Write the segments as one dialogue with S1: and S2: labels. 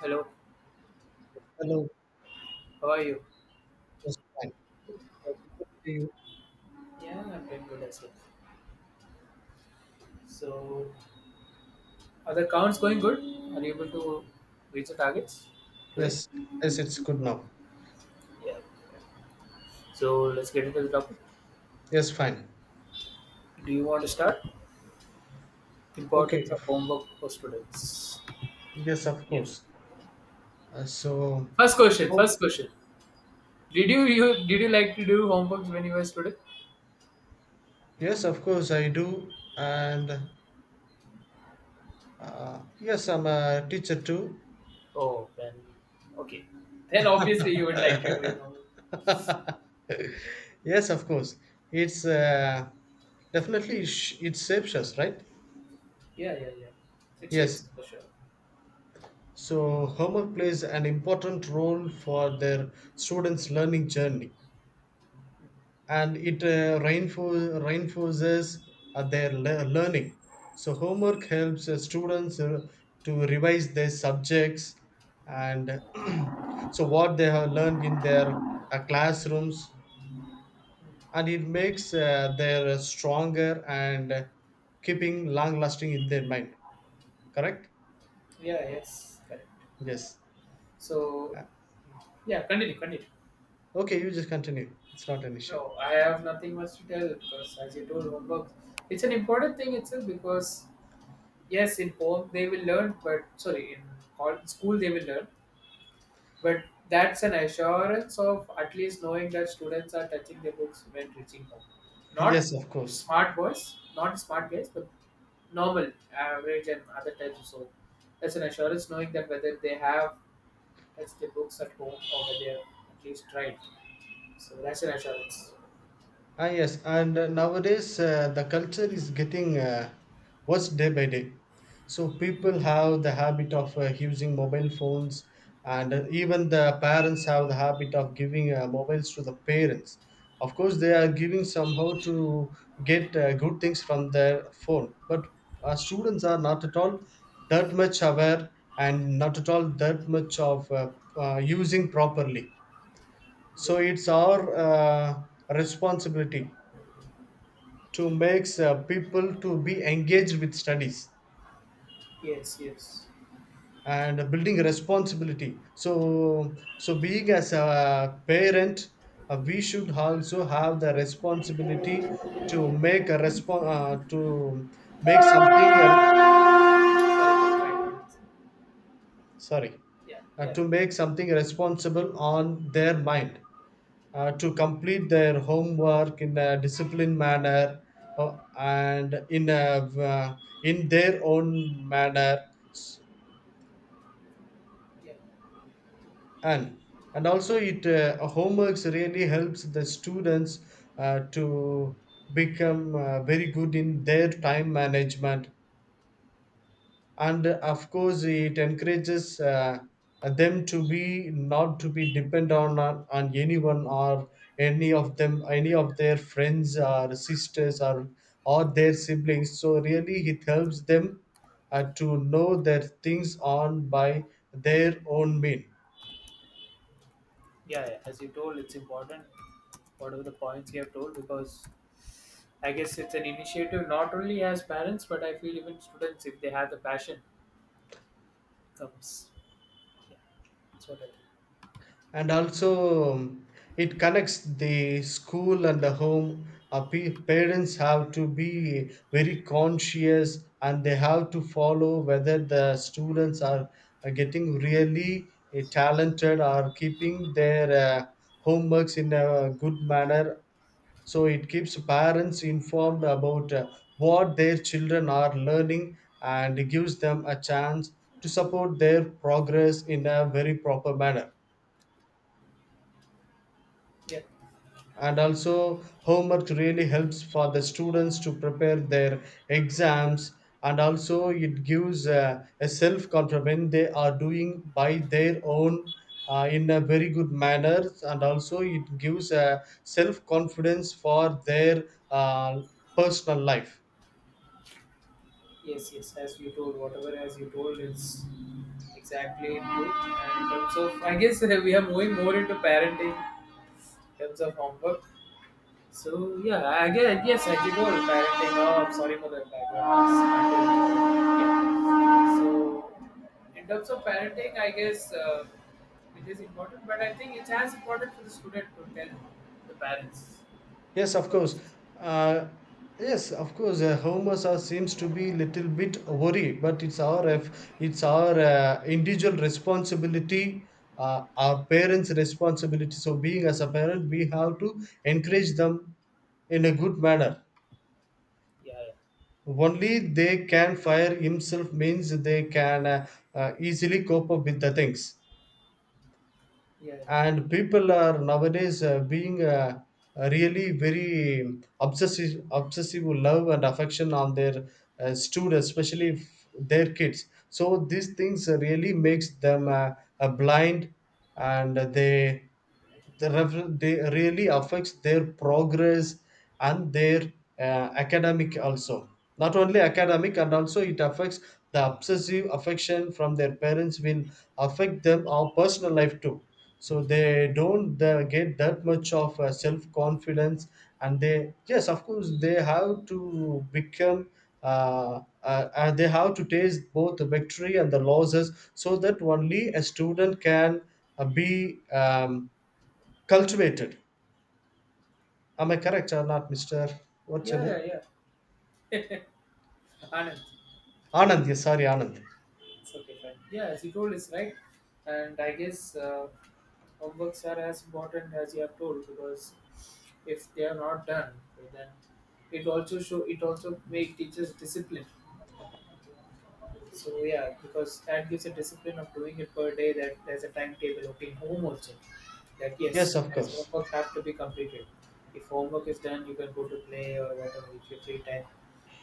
S1: Hello,
S2: Hello.
S1: how are you?
S2: Yes, fine. So, we could see you.
S1: Yeah, I'm doing good as well. So, are the counts going good? Are you able to reach the targets today?
S2: Yes, yes, it's good now.
S1: Yeah. So, let's get into the topic.
S2: Yes, fine.
S1: Do you want to start? Importance
S2: Okay.
S1: of homework for students.
S2: Yes, of
S1: Yeah.
S2: course. Uh, so,
S1: First question.
S2: oh,
S1: First question. Did you like to do homeworks when you were a student?
S2: yes, of course, I do. And yes, I'm a teacher too.
S1: Oh, then. Okay. Then obviously you would like to do homework.
S2: Yes, of course. It's
S1: yeah,
S2: Definitely it shapes us, right?
S1: yeah, yeah, yeah, It
S2: Yes.
S1: shapes for sure.
S2: So, homework plays an important role for their students' learning journey. And it reinforces their learning. So, homework helps students to revise their subjects and so what they have learned in their classrooms, and it makes their stronger and keeping long lasting in their mind. Correct?
S1: Yeah. Yes, correct.
S2: Yes.
S1: So, yeah, continue, continue.
S2: Okay, you just continue. It's not an issue.
S1: No, I have nothing much to tell because, as you told, homework, it's an important thing itself because, yes, in home they will learn, but sorry, in school they will learn, but that's an assurance of at least knowing that students are touching their books when reaching home. Not
S2: yes, of course.
S1: smart boys, not smart guys, but normal, average, and other types of so. That's an assurance knowing that whether they have touched their books at home or whether they have at least tried. So that's an assurance.
S2: Yes, and nowadays the culture is getting worse day by day. So people have the habit of using mobile phones, and even the parents have the habit of giving mobiles to the parents. Of course, they are giving somehow to get good things from their phone, but our students are not at all that much aware and not at all that much of using properly. So
S1: Yeah.
S2: it's our responsibility to makes people to be engaged with studies
S1: Yes, yes.
S2: and building responsibility so being as a parent, we should also have the responsibility to make a response to make something
S1: Yeah.
S2: sorry
S1: Yeah. Yeah.
S2: to make something responsible on their mind, to complete their homework in a disciplined manner, uh, and in a uh, in their own manner,
S1: Yeah.
S2: and also it homeworks really helps the students to become very good in their time management, and of course it encourages them to be not to be dependent on anyone or any of their friends or sisters or their siblings, so really it helps them to know their things on by their own mean.
S1: Yeah. As you told, it's important. Whatever the points you have told, because I guess it's an initiative not only as parents, but I feel even students, if they have the passion, comes. Yeah. That's what I
S2: And also it connects the school and the home. Parents have to be very conscious and they have to follow whether are getting really talented or keeping their homeworks in a good manner, so
S1: think. Mm.
S2: it keeps parents informed about what their children are learning and gives them a chance to support their progress in a very proper manner.
S1: Yeah.
S2: And also homework really helps for the students to prepare their exams, and also it gives a self confidence when they are doing by their own, in a very good manner, and also it gives a self confidence for their uh, personal life.
S1: Yes, yes. As you told, whatever as you told is exactly true. And in terms of, I guess we are moving more into parenting in terms of homework. So yeah, I guess yes, I did all parenting. Oh, I'm sorry for the background. Yeah. So in terms of parenting, I guess it is important, but I think it's as important for the student to tell the parents
S2: Yes, of course.
S1: because
S2: Uh, yes, of course. Homer Sir seems to be little bit worried, but it's our individual responsibility, our parents' responsibility. So, being as a parent, we have to encourage them in a good manner.
S1: yeah,
S2: Only they can fire himself means they can easily cope up with the things.
S1: yeah,
S2: And people are nowadays being really very obsessive love and affection on their students, especially their kids, so these things really makes them blind, and they really affects their progress and their uh, academic also, not only academic, and also it affects, the obsessive affection from their parents will affect them our personal life too, so they don't get that much of self confidence, and they, yes of course they have to become they have to taste both the victory and the losses, so that only a student can be cultivated. Am
S1: yeah,
S2: I correct or not, Mr. What's your
S1: yeah, yeah,
S2: name?
S1: yeah. yeah. Anand,
S2: Anand, yes, sorry, Anand.
S1: it's okay, fine. Yeah, as you told, is right, and I guess. Homeworks are as important as you have told because if they are not done, then it also make teachers discipline. So yeah, because that gives a discipline of doing it per day. That there's a timetable. Okay, in home also that yes,
S2: Yes, of
S1: there is
S2: course.
S1: homework have to be completed. If homework is done, you can go to play or whatever with your free time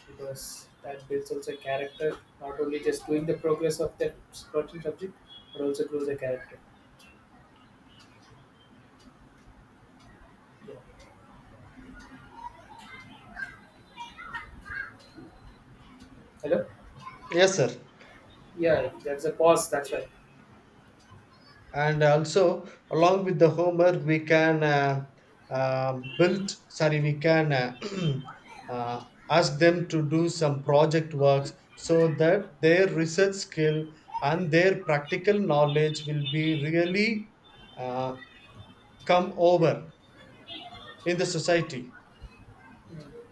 S1: because that builds also character. Not only just doing the progress of that certain subject, but also grows the character. Yeah. Hello.
S2: Yes, sir.
S1: Yeah, there's a pause, that's why.
S2: And also, along with the Homer, we can we can uh, ask them to do some project works so that their research skill and their practical knowledge will be really uh, come over in the society.
S1: Mm.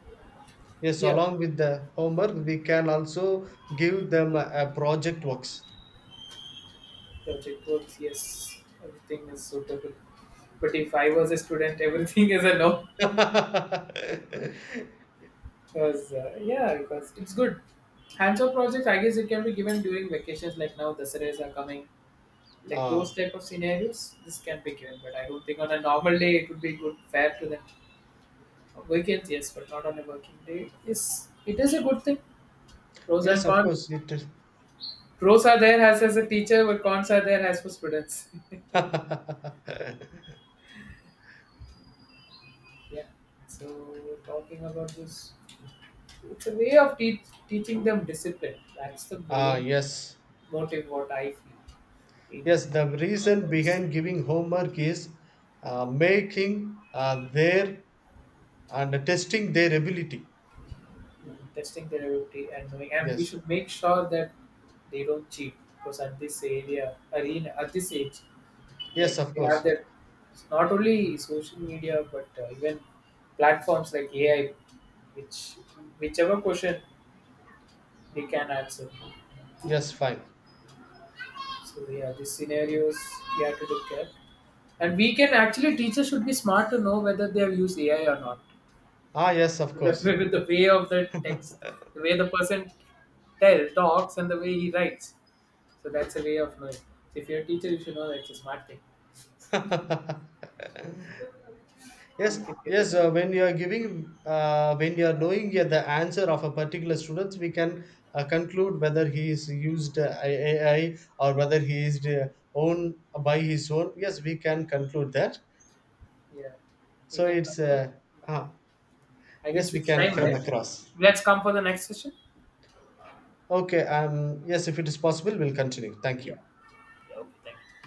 S2: Yes,
S1: Yeah,
S2: along with the homework, we can also give them a project works.
S1: project work. Yes, everything is suitable. But if I was a student, everything is a no.
S2: ah,
S1: Because, yeah, because it's good. Hands-on projects, I guess it can be given during vacations, like now the Saturdays are coming. Like those type of scenarios, this can be given, but I don't think on a normal day it would be good, fair to them. On weekends, yes, but not on a working day. Yes, it is a good thing. Pros
S2: yes,
S1: and
S2: of
S1: cons.
S2: course it is.
S1: Pros are there as a teacher, but cons are there as for students.
S2: ah,
S1: Yeah. So talking about this, it's a way of teaching them discipline. That's the main
S2: yes,
S1: motive. What I feel in
S2: yes. The reason
S1: couples,
S2: behind giving homework is making their and testing their ability.
S1: testing their ability and knowing, and we
S2: Yes,
S1: should make sure that they don't cheat because at this area arena at this age,
S2: yes,
S1: like
S2: of
S1: we have
S2: course.
S1: that not only social media but even platforms like AI, which whichever question they can answer.
S2: Yes, fine.
S1: So yeah, these scenarios we have to look at, and we can actually teachers should be smart to know whether they have used AI or not.
S2: Ah, yes, of
S1: With
S2: course.
S1: the way of the text, the way the person tell talks, and the way he writes. So that's a way of knowing. So if you're a teacher, you should know that's a smart thing.
S2: Yes,
S1: You can get it
S2: yes.
S1: on.
S2: Uh, when you are knowing the answer of a particular student, we can conclude whether he is used AI or whether he is own by his own. Yes, we can conclude that.
S1: Yeah, we
S2: So
S1: can.
S2: it's uh,
S1: I
S2: yes,
S1: guess
S2: we
S1: it's
S2: can
S1: time,
S2: come
S1: right?
S2: across.
S1: Let's come for the next session.
S2: Okay. Yes, if it is possible, we'll continue. Thank
S1: Yeah.
S2: you.
S1: Yeah. Okay. Thank you.